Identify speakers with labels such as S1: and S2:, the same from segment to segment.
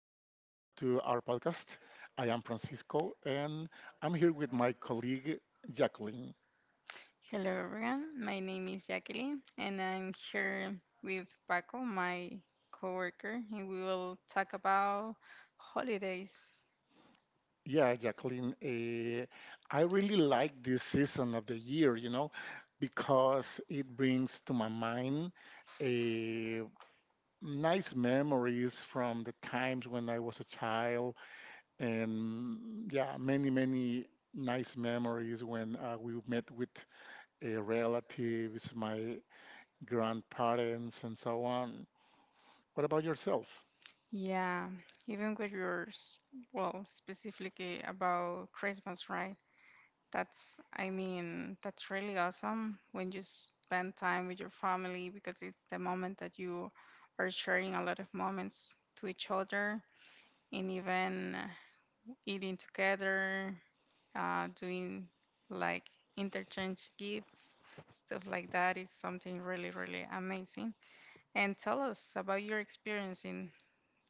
S1: to our podcast. I am Francisco and I'm here with my colleague Jacqueline.
S2: Hello everyone, my name is Jacqueline and I'm here with Paco, my coworker, and we will talk about holidays.
S1: Yeah, Jacqueline, I really like this season of the year, because it brings to my mind eh, nice memories from the times when I was a child, and yeah, many, many nice memories when we met with relatives, my grandparents, and so on. What about yourself?
S2: Yeah, even with yours, well, specifically about Christmas, right? That's, I mean, that's really awesome when you spend time with your family because it's the moment that you are sharing a lot of moments to each other and even eating together, doing like interchange gifts, stuff like that is something really, really amazing. And tell us about your experience in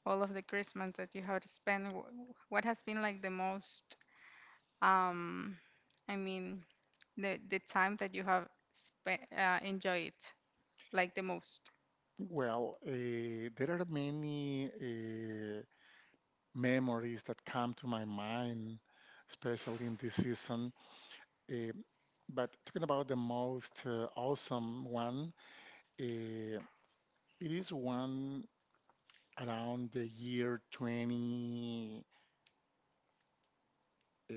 S2: all of the Christmas that you have spent. What has been like the most, um, I mean, the time that you have spent, enjoyed like the most.
S1: Well, there are many memories that come to my mind, especially in this season. Uh, but talking about the most awesome one, uh, it is one around the year 20. Uh,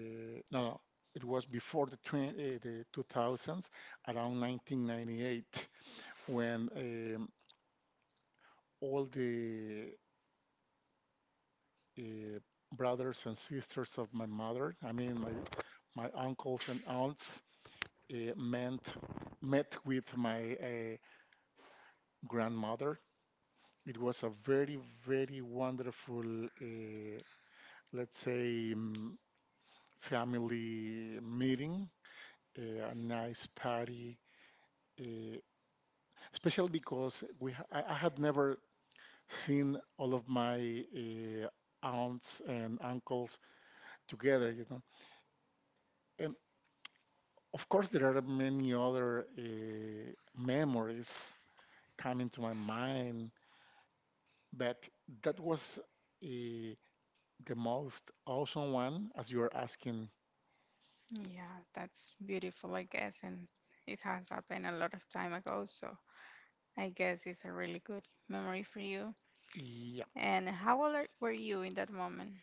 S1: no, no, it was before the, 20, the 2000s, around 1998, when all the uh, brothers and sisters of my mother, I mean, my uncles and aunts uh, met met with my grandmother. It was a very wonderful, let's say, family meeting, a nice party, uh, especially because I had never seen all of my aunts and uncles together. And of course, there are many other memories coming to my mind, but that was uh, the most awesome one, as you are asking.
S2: Yeah, that's beautiful, I guess, and it has happened a lot of time ago, so I guess it's a really good memory for you.
S1: Yeah,
S2: And how old were you in that moment?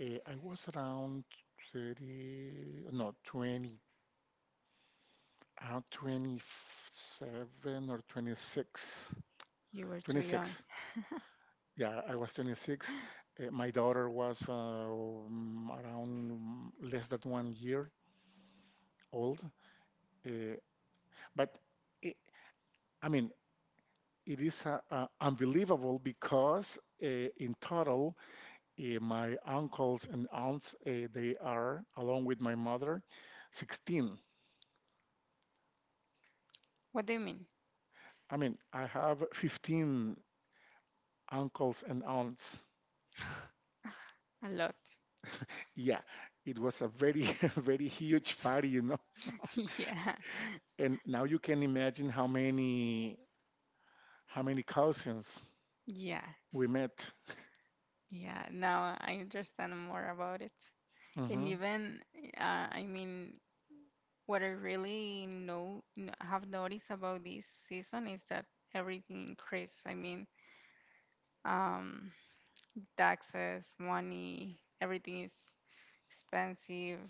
S1: I was around 30, no, 20, around 27 or 26.
S2: You were too young.
S1: 26. Yeah, I was 26. My daughter was around less than 1 year old. Uh, but it, I mean, it is unbelievable because in total, my uncles and aunts, they are, along with my mother, 16.
S2: What do you mean?
S1: I mean, I have 15 uncles and aunts.
S2: A lot.
S1: Yeah, it was a very, very huge party.
S2: Yeah,
S1: And now you can imagine how many cousins
S2: yeah,
S1: we met.
S2: yeah. Now I understand more about it. And
S1: Hmm.
S2: even, I mean, what I really have noticed about this season is that everything increased. I mean, um, taxes, money, everything is expensive.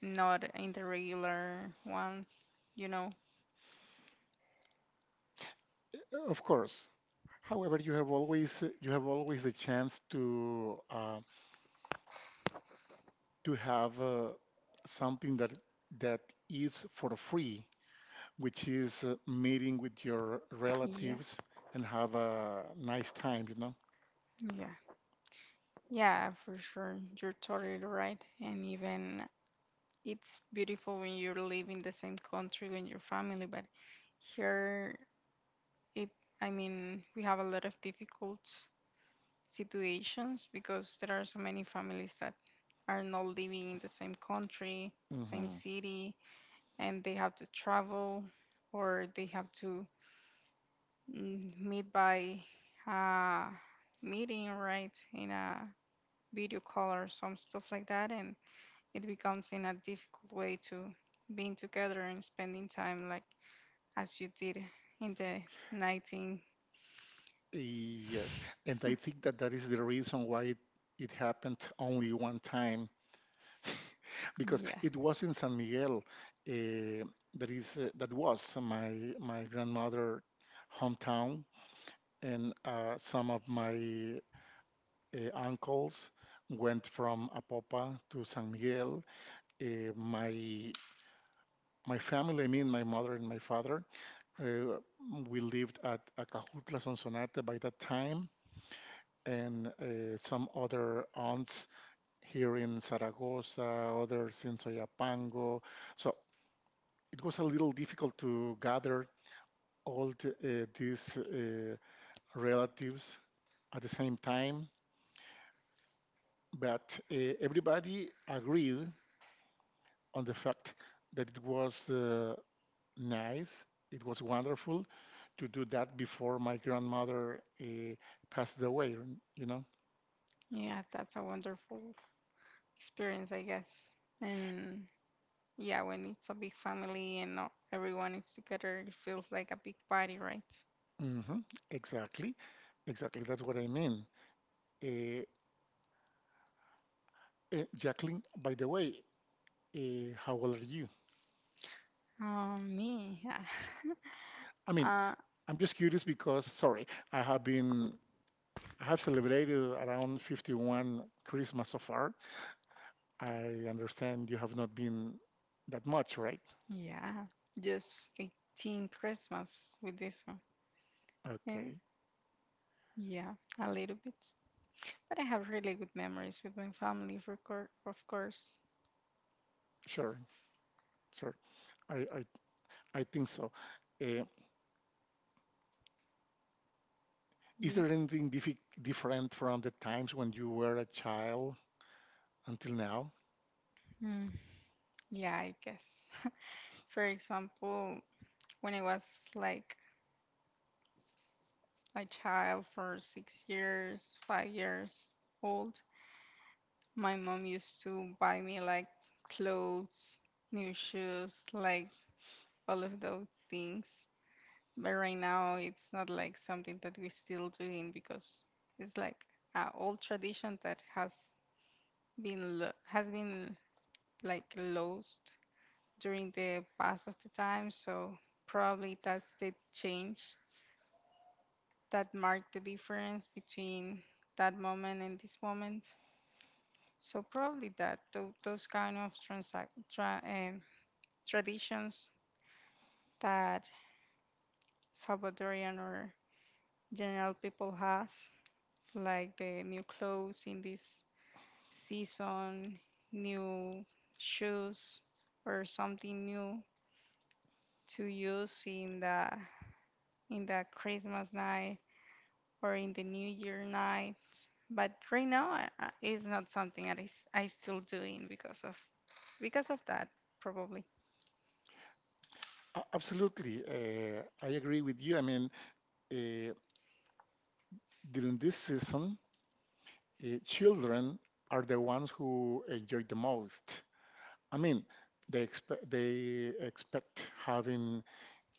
S2: Not in the regular ones, you know.
S1: Of course. However, you have always the chance to have something that is for free, which is meeting with your
S2: Yeah,
S1: relatives and have a nice time.
S2: yeah. Yeah, for sure. You're totally right. And even it's beautiful when you live in the same country with your family, but here it I mean, we have a lot of difficult situations because there are so many families that are not living in the same country, same
S1: Hmm.
S2: city, and they have to travel or they have to meet by uh meeting, right, in a video call or some stuff like that, and it becomes in a difficult way to being together and spending time like as you did in the 19.
S1: Yes, and I think that that is the reason why it happened only one time, because
S2: Yeah,
S1: it was in San Miguel. Uh, that was my grandmother hometown, and some of my uncles went from Apopa to San Miguel. Uh, my my family, I mean, my mother and my father, uh, we lived at Acajutla Sonsonate by that time, and some other aunts here in Zaragoza, others in Soyapango. So it was a little difficult to gather these relatives at the same time, but everybody agreed on the fact that it was nice, it was wonderful to do that before my grandmother passed away, you know?
S2: yeah, that's a wonderful experience, I guess. And yeah, when it's a big family and not everyone is together, it feels like a big party, right?
S1: Hmm. Exactly. Exactly. That's what I mean. Uh, Jacqueline, by the way, how old are you?
S2: Me, yeah.
S1: I mean,
S2: uh
S1: I'm just curious because, sorry, I have been, I have celebrated around 51 Christmas so far. I understand you have not been that much, right?
S2: yeah, just 18 Christmas with this one. Yeah,
S1: Okay,
S2: yeah, a little bit. But I have really good memories with my family, for of course.
S1: sure, sure. I, I I think so. Uh, is
S2: Yeah.
S1: there anything different from the times when you were a child until now?
S2: Mm, yeah, I guess. For example, when I was like a child for 6 years, 5 years old, my mom used to buy me like clothes, new shoes, like all of those things. But right now, it's not like something that we're still doing because it's like an old tradition that has been lo- has been s- like lost during the past of the time. So probably that's the change that marked the difference between that moment and this moment. So probably that those kind of traditions that Salvadorian or general people has, like the new clothes in this season, new shoes, or something new to use in the Christmas night or in the New Year night. But right now, it's not something that is I still doing because of that probably.
S1: Absolutely. I agree with you. I mean, uh, during this season, children are the ones who enjoy the most. I mean, they expect having,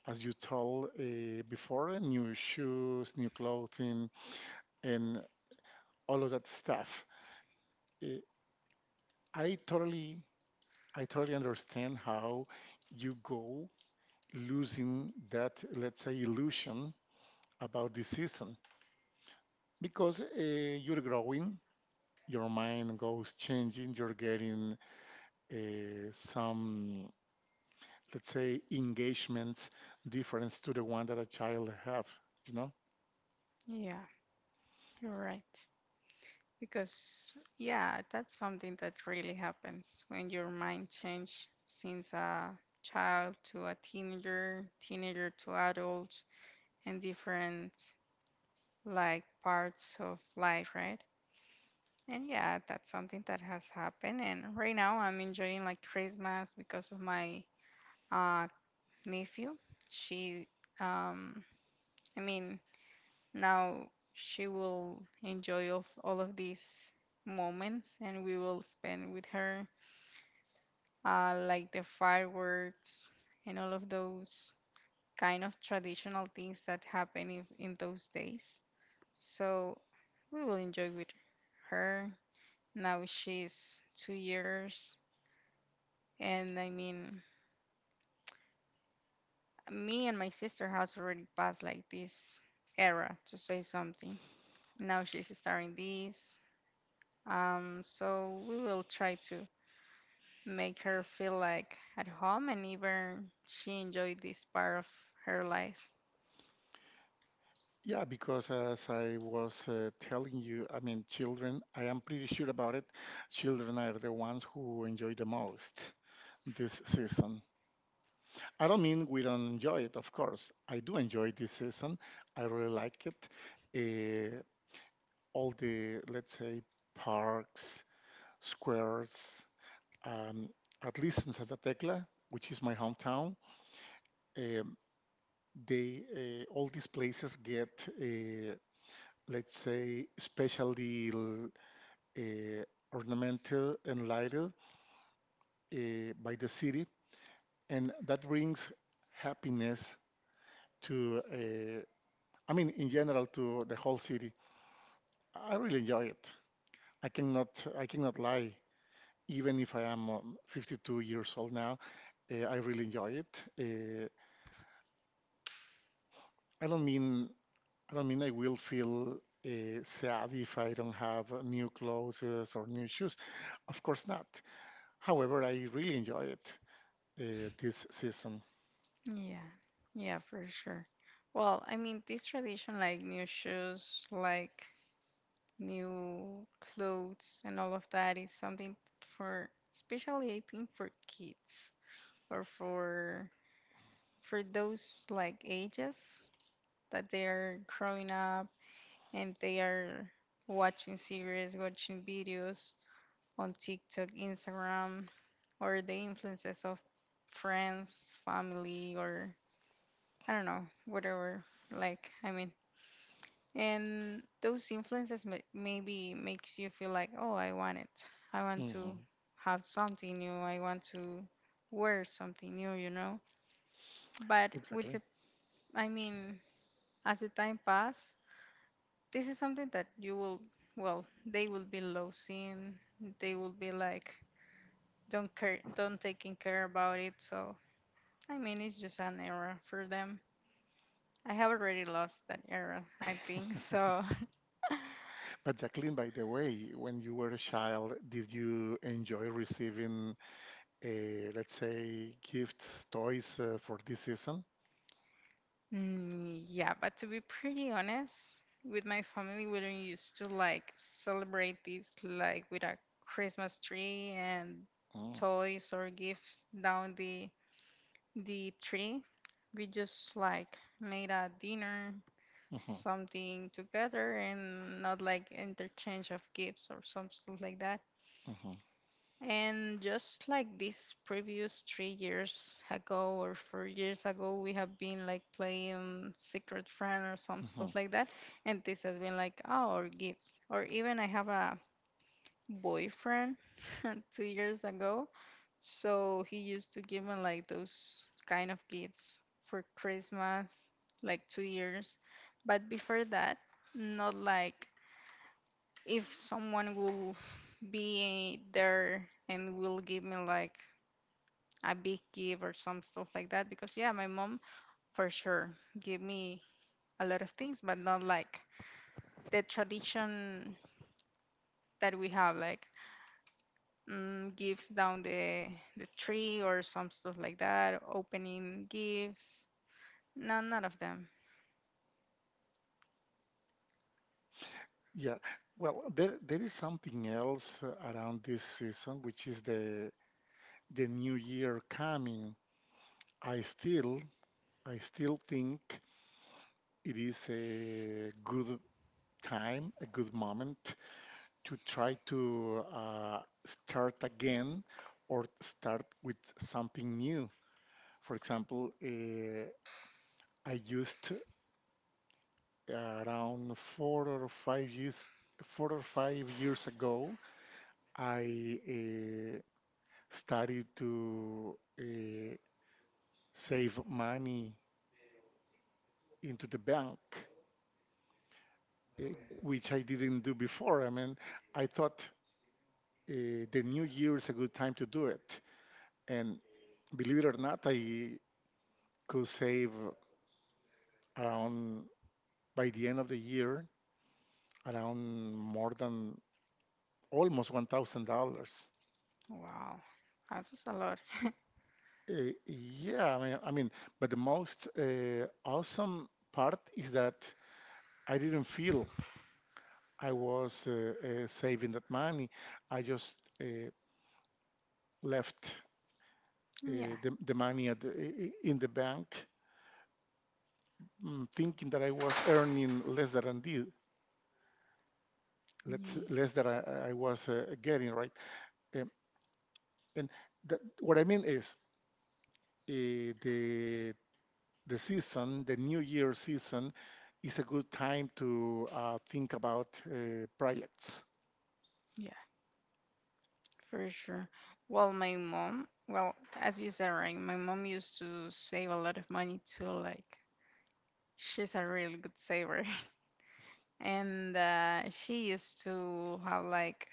S1: as you told before, new shoes, new clothing, and all of that stuff. Uh, I totally I totally understand how you go losing that, let's say, illusion about the season because you're growing, your mind goes changing, you're getting some, let's say, engagements difference to the one that a child have, you know?
S2: Yeah, you're right. Because yeah, that's something that really happens when your mind change since a child to a teenager, teenager to adult, and different like parts of life, right? And yeah, that's something that has happened. And right now, I'm enjoying like Christmas because of my uh, nephew. She, um, I mean, now she will enjoy of all of these moments, and we will spend with her like the fireworks and all of those kind of traditional things that happen in those days. So we will enjoy with her. Now she's 2 years. And I mean, me and my sister has already passed like this era to say something. Now she's starting this. So we will try to make her feel like at home and even she enjoyed this part of her life.
S1: Yeah, because as I was telling you, I mean, children, I am pretty sure about it, children are the ones who enjoy the most this season. I don't mean we don't enjoy it, of course. I do enjoy this season. I really like it. Uh, all the, let's say, parks, squares, um, at least in Santa Tecla, which is my hometown, um, they all these places get, let's say, specially uh, ornamented and lighted by the city, and that brings happiness, to I mean, in general, to the whole city. I really enjoy it. I cannot lie. Even if I am 52 years old now, I really enjoy it. I don't mean, I don't mean I will feel sad if I don't have new clothes or new shoes. Of course not. However, I really enjoy it this season.
S2: Yeah, yeah, for sure. Well, I mean, this tradition, like new shoes, like new clothes, and all of that, is something for, especially I think for kids or for those like ages that they are growing up and they are watching series, watching videos on TikTok, Instagram, or the influences of friends, family, or I don't know, whatever. Like, I mean, and those influences maybe makes you feel like, oh, I want it. I want
S1: Hmm.
S2: to have something new. I want to wear something new. But with
S1: Exactly.
S2: the, I mean, as the time passes, this is something that you will, well, they will be losing. They will be like, don't care, don't taking care about it. So I mean, it's just an error for them. I have already lost that error, I think so.
S1: But Jacqueline, by the way, when you were a child, did you enjoy receiving let's say, gifts, toys for this season?
S2: Mm, yeah. But to be pretty honest, with my family we don't used to like celebrate this like with a Christmas tree and
S1: Mm.
S2: toys or gifts down the tree. We just like made a dinner,
S1: Mhm,
S2: something together, and not like interchange of gifts or something like that.
S1: mhm,
S2: And just like these previous 3 years ago or 4 years ago, we have been like playing Secret Friend or some
S1: mhm.
S2: stuff like that. And this has been like our gifts. Or even I have a boyfriend 2 years ago, so he used to give me like those kind of gifts for Christmas, like 2 years. But before that, not like if someone will be there and will give me like a big gift or some stuff like that. Because yeah, my mom for sure gave me a lot of things, but not like the tradition that we have, like gifts down the tree or some stuff like that, opening gifts. No, none of them.
S1: Yeah. Well, there is something else around this season, which is the new year coming. I still, I still think it is a good time, a good moment to try to start again or start with something new. For example, I used around 4 or 5 years ago. I started to save money into the bank, uh, which I didn't do before. I mean, I thought the new year is a good time to do it, and believe it or not, I could save around, by the end of the year, around more than almost $1,000.
S2: Wow. That's just a lot.
S1: Yeah, I mean, but the most awesome part is that I didn't feel I was saving that money. I just uh, left
S2: Yeah.
S1: the money at in the bank, thinking that I was earning less than I did,
S2: Yeah.
S1: less than I was getting, right? Um, and what I mean is, uh, the the season, the New Year season, is a good time to think about projects.
S2: Yeah. For sure. Well, my mom, well, as you said, right, my mom used to save a lot of money too. Like, she's a really good saver. And she used to have like,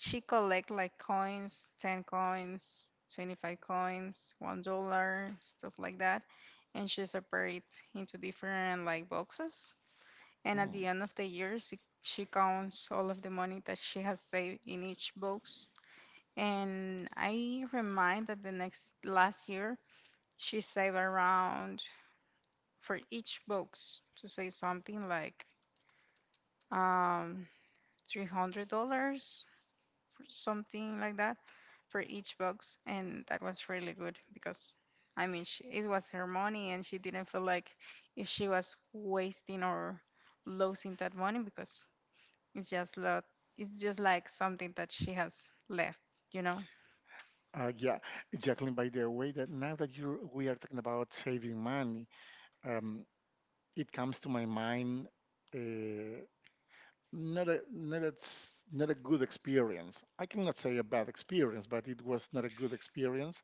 S2: she collect like coins, 10 coins, 25 coins, $1, stuff like that. And she separate into different like boxes, and at the
S1: Mm.
S2: end of the year she counts all of the money that she has saved in each box. And I remind that the next last year she saved around for each box to say something like um $300, something like that for each box, and that was really good because I mean, she, it was her money and she didn't feel like if she was wasting or losing that money because it's just lot. It's just like something that she has left, you know?
S1: Yeah, Jacqueline, by the way, that now that you we are talking about saving money, um, it comes to my mind uh, not a good experience. I cannot say a bad experience, but it was not a good experience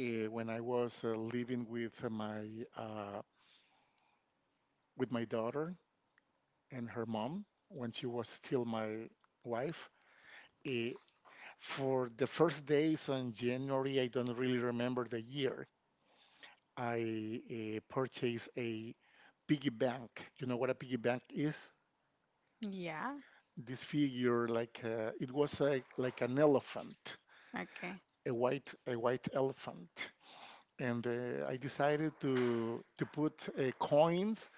S1: when I was living with my uh, daughter and her mom when she was still my wife. Eh, for the first days on January, I don't really remember the year. I purchased a piggy bank. You know what a piggy bank is?
S2: Yeah.
S1: This figure, like it was like an elephant,
S2: Okay.
S1: a white elephant. And I decided to put coins,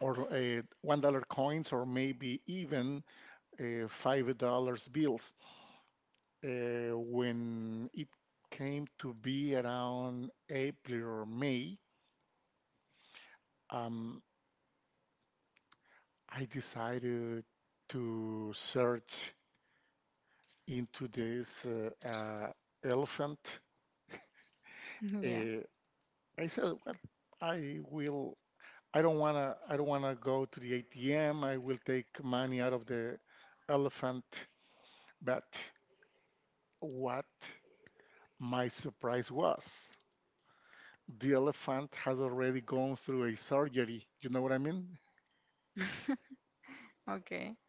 S1: or $1 coins, or maybe even $5 bills. When it came to be around April or May, um, I decided to search into this elephant.
S2: Yeah.
S1: Uh, I said, "Well, I will. I don't wanna go to the ATM. I will take money out of the elephant." But what my surprise was, the elephant had already gone through a surgery. You know what I mean?
S2: Okay.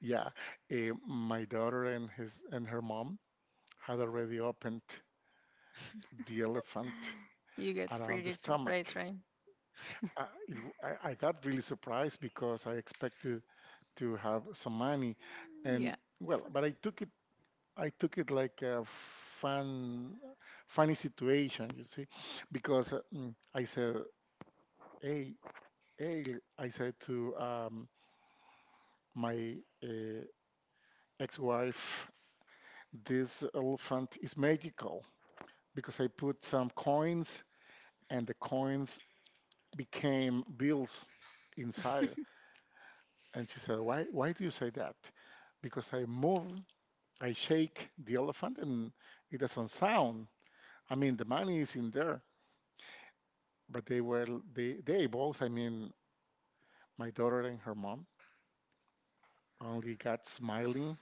S1: Yeah, my daughter and his and her mom had already opened the elephant
S2: You get
S1: around the
S2: pretty surprised,
S1: stomach.
S2: right?
S1: I got really surprised because I expected to have some money,
S2: Yeah.
S1: and well, but I took it like a funny situation, you see, because I said, "Hey, hey," I said to my uh, ex-wife, "This elephant is magical," because I put some coins and the coins became bills inside. And she said, Why do you say that?" Because I I shake the elephant and it doesn't sound. I mean, the money is in there. But they were they both, I mean, my daughter and her mom, only got smiling.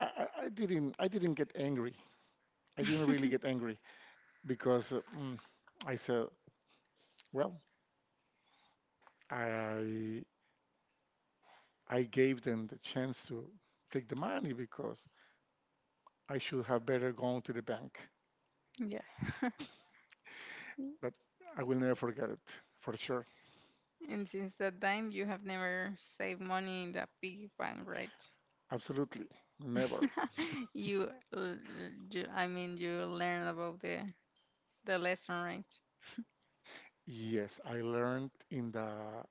S1: I didn't get angry. I didn't really get angry because I said, well, I I gave them the chance to take the money, because I should have better gone to the bank.
S2: Yeah.
S1: But I will never forget it, for sure.
S2: And since that time, you have never saved money in the piggy bank, right?
S1: Absolutely. Never.
S2: You, l- you, I mean, you learn about the lesson, right?
S1: Yes, I learned in the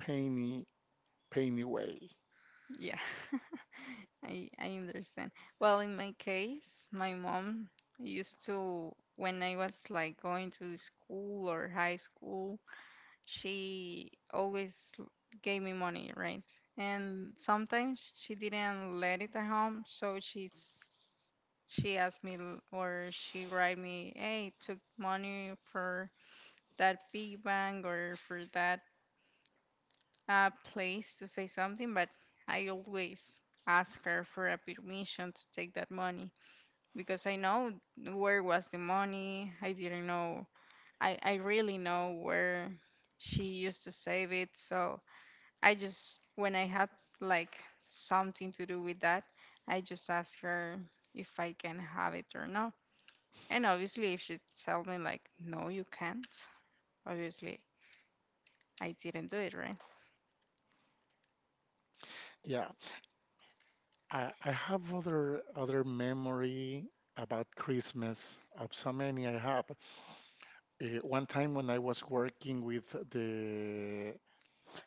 S1: painy, painy way.
S2: Yeah. I understand. Well, in my case, my mom used to when I was like going to school or high school, she always gave me money, right? And sometimes she didn't let it at home, so she asked me or she write me, "Hey, took money for that big bang or for that place to say something," but I always ask her for a permission to take that money because I know where was the money. I didn't know. I really know where she used to save it. So I just, when I had like something to do with that, I just ask her if I can have it or not. And obviously, if she tells me like, no, you can't, obviously I didn't do it, right?
S1: Yeah. I have other memory about Christmas. Of so many I have. One time when I was working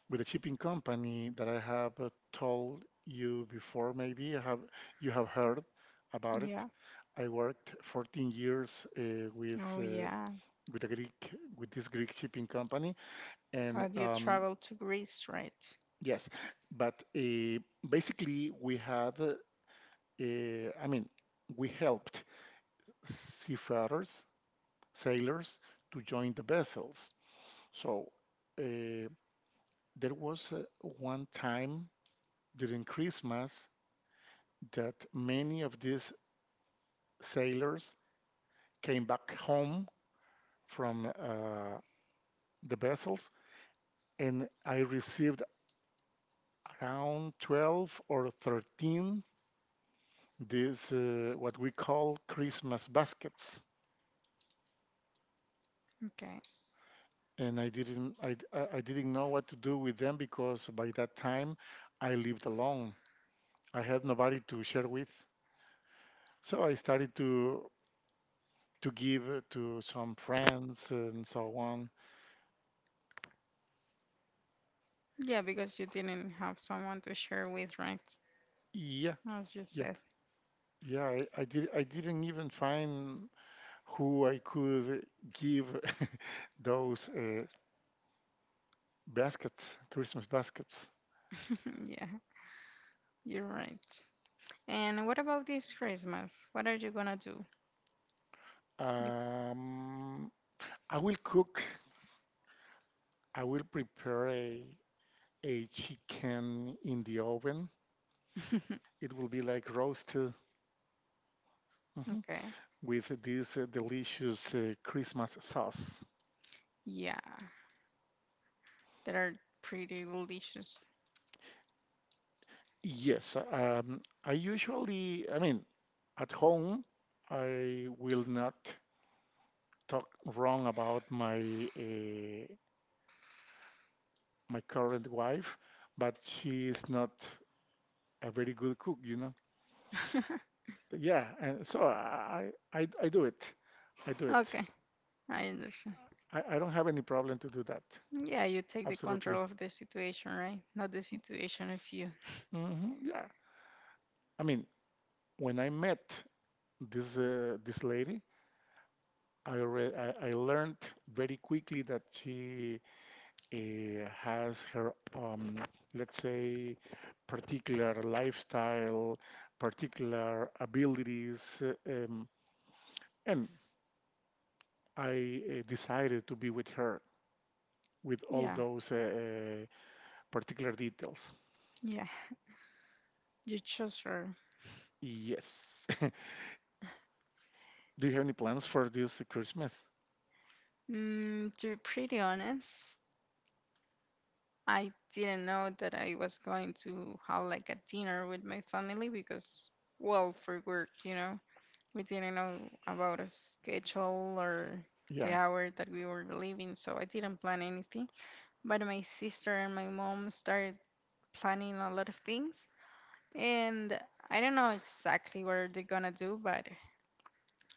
S1: with the shipping company that I have told you before, maybe you have heard about it.
S2: Yeah.
S1: I worked 14 years,
S2: Oh, yeah.
S1: with this Greek shipping company, and
S2: Thought you traveled to Greece, right?
S1: yes, but basically I mean, we helped seafarers, sailors, to join the vessels. So uh, there was one time during Christmas that many of these sailors came back home from the vessels, and I received around 12 or 13 these what we call Christmas baskets.
S2: Okay.
S1: And I didn't know what to do with them because by that time I lived alone. I had nobody to share with. So I started to give to some friends and so on.
S2: Yeah, because you didn't have someone to share with, right?
S1: Yeah,
S2: As you
S1: yeah.
S2: said.
S1: Yeah, I did. I didn't even find who I could give those baskets, Christmas baskets.
S2: Yeah, you're right. And what about this Christmas? What are you gonna do? Bec-
S1: Um, I will cook. I will prepare a chicken in the oven. It will be like roasted, mhm,
S2: Okay.
S1: with this delicious Christmas sauce.
S2: Yeah, that are pretty delicious.
S1: Yes, I usually, I mean, at home, I will not talk wrong about my my current wife, but she is not a very good cook, Yeah, and so I do it. I do it.
S2: Okay, I understand.
S1: I don't have any problem to do that.
S2: Yeah, you take the
S1: Absolutely.
S2: control of the situation, right? Not the situation of you.
S1: Hmm. Yeah. I mean, when I met this this lady, I learned very quickly that she has her, let's say, particular lifestyle, particular abilities, and I decided to be with her with all
S2: Yeah,
S1: those particular details.
S2: yeah. You chose her.
S1: Yes. Do you have any plans for this Christmas?
S2: To be pretty honest, I didn't know that I was going to have like a dinner with my family because, well, for work, we didn't know about a schedule or the
S1: Yeah.
S2: hour that we were leaving, so I didn't plan anything. But my sister and my mom started planning a lot of things, and I don't know exactly what they're gonna do, but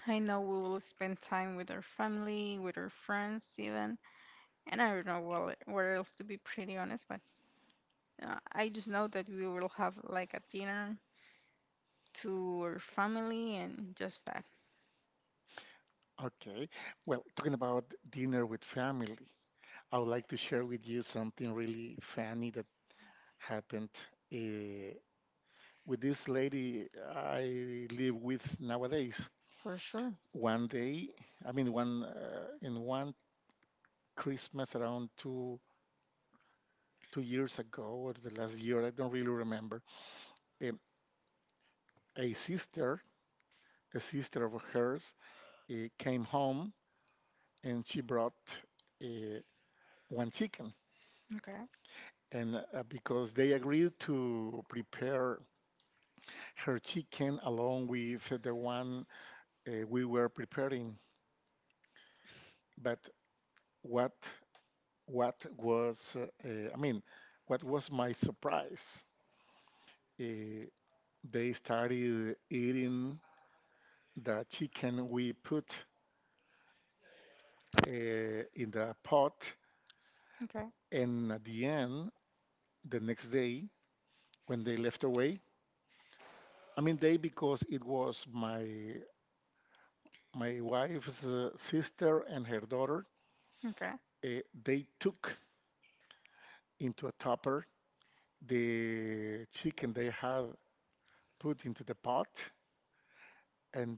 S2: I know we will spend time with our family, with our friends, even, and I don't know what else to be pretty honest, but. I just know that we will have like a dinner to our family and just that.
S1: Okay. Well, talking about dinner with family, I would like to share with you something really funny that happened. Uh, with this lady I live with nowadays. One day, I mean, one Christmas around two years ago or the last year, I don't really remember. um, a sister, a sister of hers, came home and she brought uh, one chicken.
S2: Okay,
S1: And because they agreed to prepare her chicken along with the one we were preparing, but what what was, I mean, what was my surprise? Uh, they started eating the chicken we put uh, in the pot,
S2: okay,
S1: and at the end, the next day, when they left away, I mean, they, because it was my wife's sister and her daughter.
S2: okay.
S1: They took into a topper the chicken they had put into the pot, and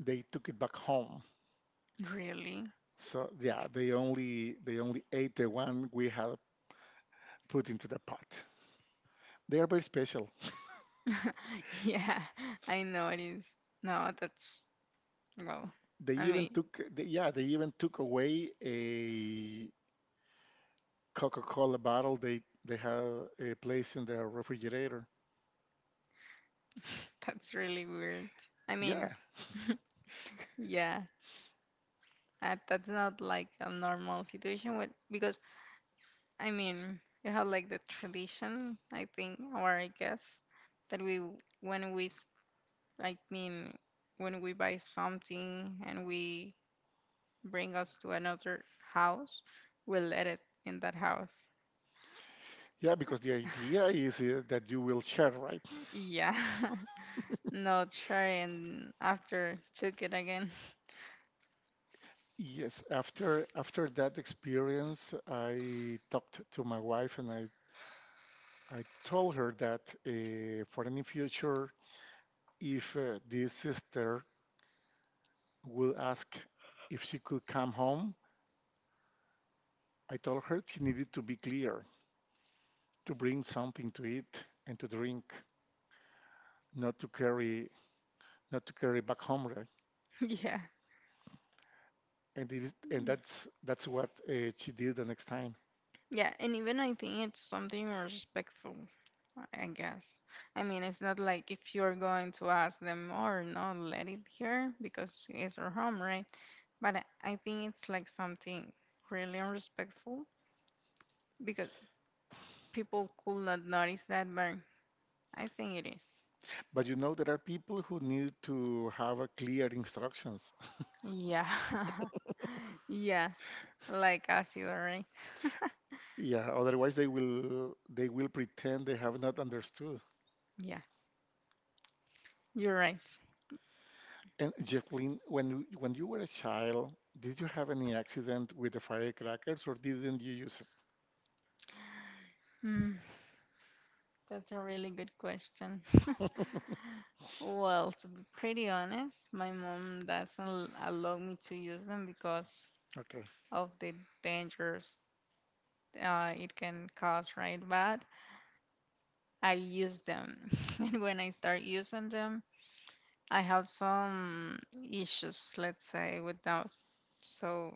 S1: they took it back home.
S2: Really?
S1: So yeah, they only ate the one we had put into the pot. They are very special.
S2: Yeah, I know it is. No, that's, well, I mean,
S1: They even took away a Coca-Cola bottle they had a place in their refrigerator.
S2: that's really weird. I mean,
S1: Yeah,
S2: yeah, that's not like a normal situation with, because, I mean, you have like the tradition, I think, or I guess, that we, when we I mean, when we buy something and we bring us to another house, we let it in that house.
S1: yeah, because the idea is that you will share, right?
S2: Yeah. Not sure. And after took it again.
S1: Yes. After that experience, I talked to my wife and I told her that for any future, if this sister would ask if she could come home, I told her she needed to be clear, to bring something to eat and to drink, not to carry, back home. Right?
S2: Yeah.
S1: And that's what she did the next time.
S2: Yeah. And even I think it's something respectful, I guess. I mean, it's not like if you're going to ask them or not, let it here because it's our home, right? But I think it's like something really unrespectful because people could not notice that, but I think it is.
S1: But you know there are people who need to have a clear instructions.
S2: Yeah. Yeah. Like acid, right?
S1: Yeah, otherwise they will pretend they have not understood.
S2: Yeah, you're right.
S1: And Jacqueline, when you were a child, did you have any accident with the firecrackers or didn't you use
S2: Hmm, that's a really good question.
S1: it?
S2: Well, to be pretty honest, my mom doesn't l- allow me to use them because of the dangers it can cause, right? But I use them. And when I start using them, I have some issues, let's say, with those. So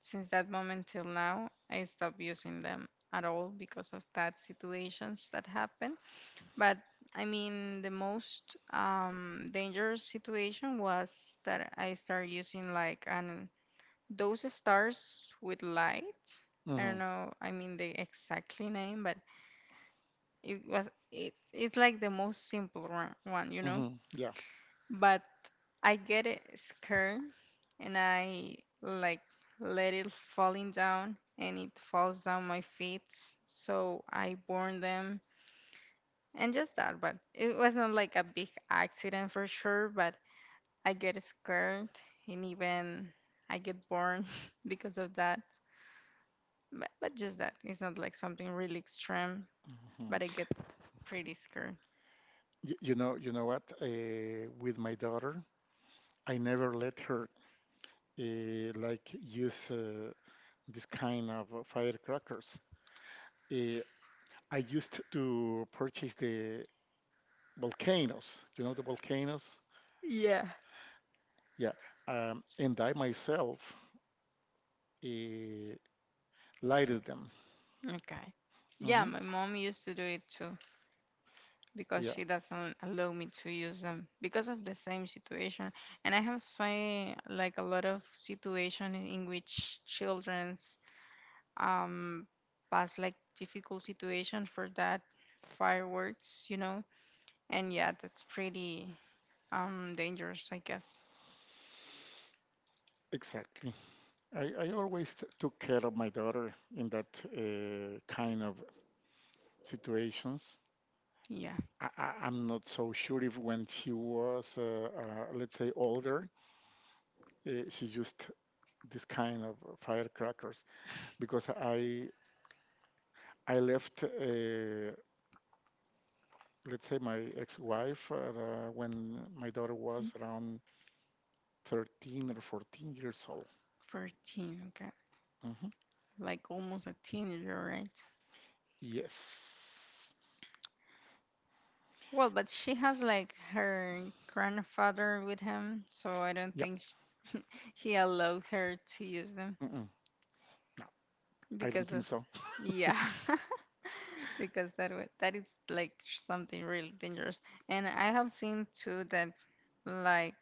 S2: since that moment till now, I stopped using them at all because of that situations that happen. But I mean, the most dangerous situation was that I started using like an those stars with light. I don't
S1: Okay.
S2: know. I mean the exactly name, but it was it. It's like the most one, you know.
S1: Hmm. Yeah.
S2: But I get it scared and I like let it falling down and it falls down my feet so I burn them and just that, but it wasn't like a big accident for sure, but I get scared and even I get burned because of that. But just that, it's not like something really extreme,
S1: Hmm.
S2: but I get pretty scared.
S1: You know what? With my daughter, I never let her like use this kind of firecrackers. Uh, I used to purchase the volcanoes. You know the volcanoes?
S2: Yeah,
S1: Yeah. And I myself uh, lighted them.
S2: okay, yeah,
S1: Hmm.
S2: my mom used to do it too because
S1: Yeah,
S2: she doesn't allow me to use them because of the same situation. And I have seen like a lot of situation in which childrens um pass like difficult situation for that fireworks, you know. And yeah, that's pretty dangerous, I guess.
S1: exactly. I- always t- took care of my daughter in that kind of situations.
S2: Yeah,
S1: I'm not so sure if when she was, let's say, older, she used this kind of firecrackers because I left, let's say, my ex-wife when my daughter was around 13 or 14 years old.
S2: 14, okay,
S1: Mhm.
S2: like almost a teenager, right?
S1: Yes.
S2: Well, but she has like her grandfather with him, so I don't
S1: Yep.
S2: think he allowed her to use them.
S1: Mm-mm. No, I don't
S2: Because
S1: think
S2: of,
S1: so.
S2: yeah, because that that is like something really dangerous. And I have seen too that like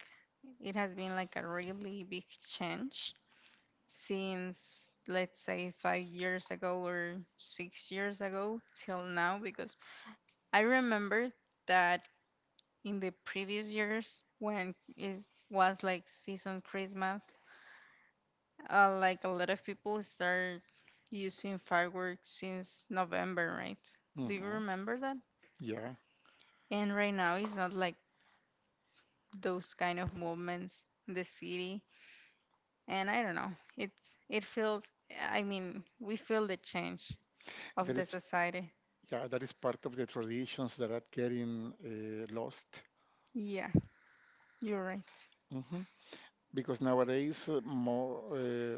S2: it has been like a really big change since, let's say, 5 years ago or 6 years ago till now, because I remember that in the previous years when it was like season Christmas, like a lot of people start using fireworks since November, right? Do you
S1: Hmm.
S2: remember that?
S1: Yeah,
S2: And right now it's not like those kind of movements in the city. And I don't know. It feels, I mean, we feel the change of
S1: that
S2: the
S1: is.
S2: society.
S1: Yeah, that is part of the traditions that are getting lost,
S2: Yeah, you're right.
S1: because nowadays more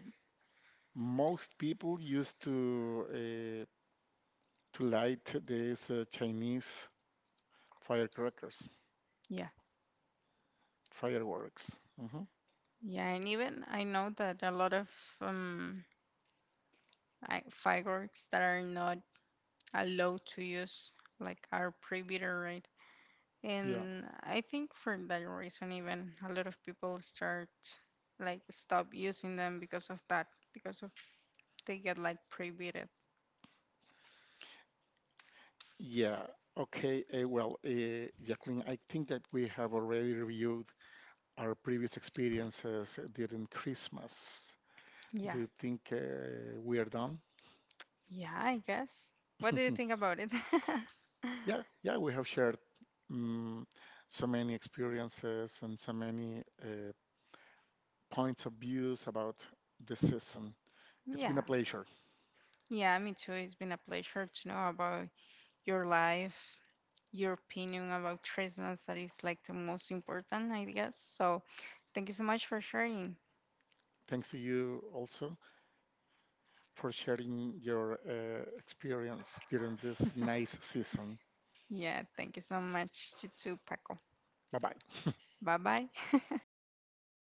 S1: most people used to light these Chinese firecrackers,
S2: Yeah.
S1: fireworks. Hmm.
S2: Yeah, and even I know that a lot of um fireworks that are not allowed to use like are prohibited, right?
S1: Yeah,
S2: And I think for that reason, even a lot of people start like stop using them because of that, because of they get like prohibited.
S1: yeah. Okay. Well, Jacqueline, I think that we have already reviewed our previous experiences during Christmas. Do
S2: Yeah,
S1: you think we are done?
S2: yeah, I guess. What do you think about it?
S1: Yeah, yeah. We have shared um, so many experiences and so many points of views about the season. It's been a
S2: Yeah,
S1: pleasure.
S2: yeah, me too. It's been a pleasure to know about your life, your opinion about Christmas. That is like the most important, I guess. So thank you so much for sharing.
S1: Thanks to you also for sharing your experience during this nice season.
S2: Yeah, thank you so much. You too, Paco.
S1: Bye bye.
S2: Bye bye.